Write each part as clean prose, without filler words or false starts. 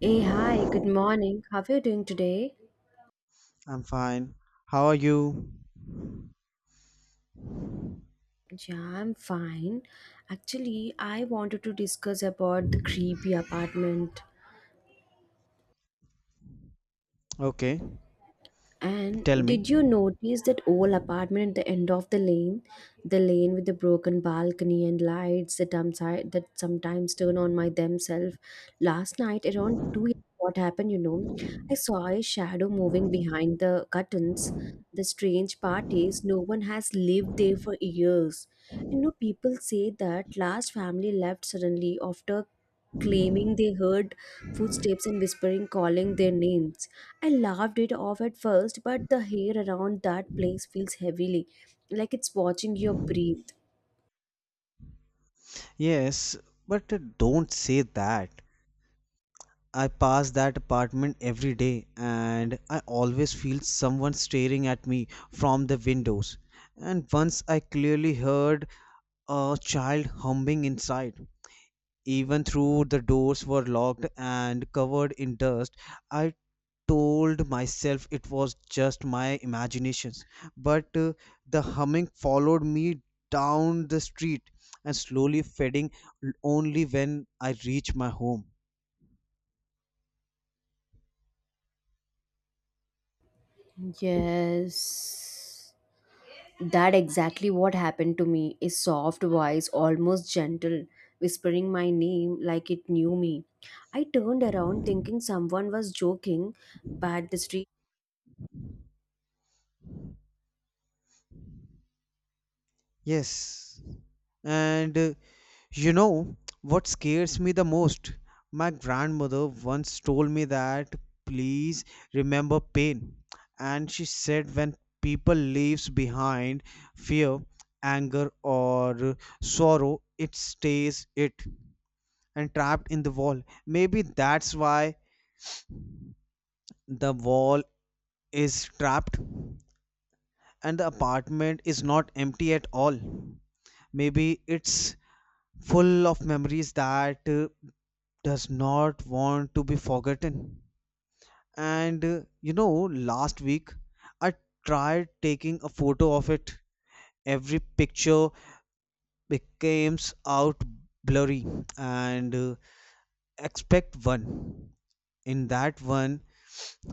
Hey, hi, good morning. How are you doing today? I'm fine. How are you? Yeah, I'm fine. Actually, I wanted to discuss about the creepy apartment. Okay, And tell me. did you notice that old apartment at the end of the lane? The lane with the broken balcony and lights that, that sometimes turn on my themselves. Last night around 2 what happened. I saw a shadow moving behind the curtains. The strange part is no one has lived there for years. You know, people say that last family left suddenly after claiming they heard footsteps and whispering calling their names. I laughed it off at first, but the hair around that place feels heavily, like it's watching you breathe. Yes, but don't say that. I pass that apartment every day, and I always feel someone staring at me from the windows. And once I clearly heard a child humming inside. Even though the doors were locked and covered in dust, I told myself it was just my imaginations, but the humming followed me down the street and slowly fading only when I reached my home. Yes. That exactly what happened to me. A soft voice, almost gentle, whispering my name like it knew me. I turned around thinking someone was joking, but the street Yes, and you know what scares me the most, my grandmother once told me that, please, remember pain. And she said, when people leaves behind fear, anger or sorrow, it stays it and trapped in the wall. Maybe that's why the wall is trapped and the apartment is not empty at all. Maybe it's full of memories that does not want to be forgotten. And last week I tried taking a photo of it. Every picture becomes out blurry, and expect one. In that one,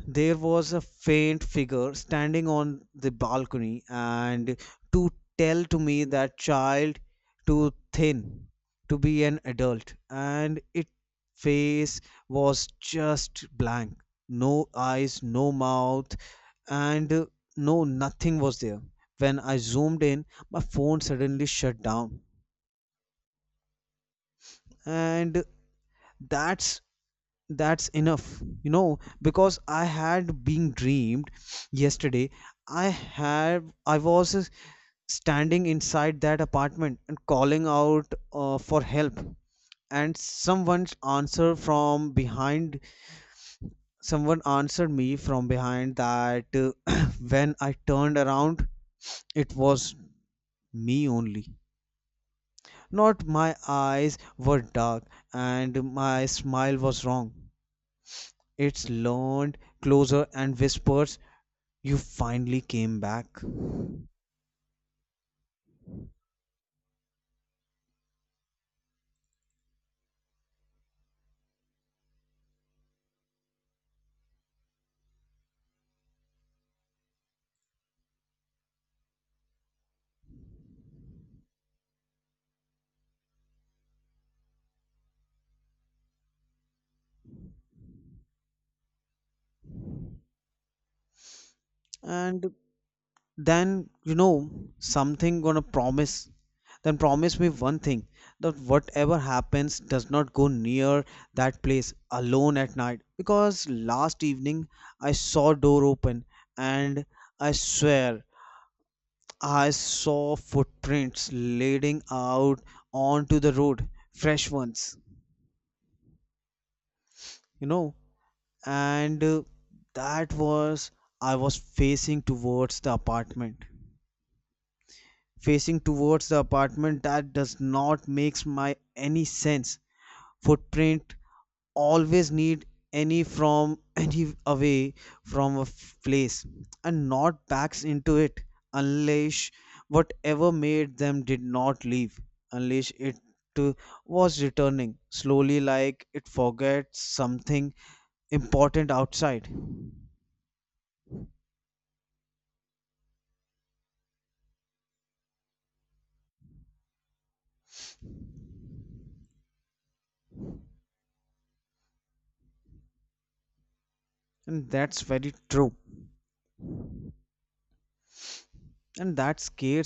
there was a faint figure standing on the balcony, and to tell to me that child too thin to be an adult, and its face was just blank, no eyes, no mouth, and no nothing was there. When I zoomed in, my phone suddenly shut down, and that's that's enough because I had been dreamed yesterday. I was standing inside that apartment and calling out for help, and someone's answer from behind. Someone answered me from behind that. When I turned around, it was me only, not my eyes were dark and my smile was wrong. Its leaned closer and whispered, you finally came back. And then you know something gonna promise, then promise me one thing, that whatever happens, does not go near that place alone at night. Because last evening I saw door open, and I swear I saw footprints leading out onto the road, fresh ones, you know and that was, I was facing towards the apartment facing towards the apartment that does not makes my any sense. Footprint always need any from any away from a place, and not backs into it, unless whatever made them did not leave, unless it uh, was returning slowly like it forgets something important outside. And that's very true. And that scares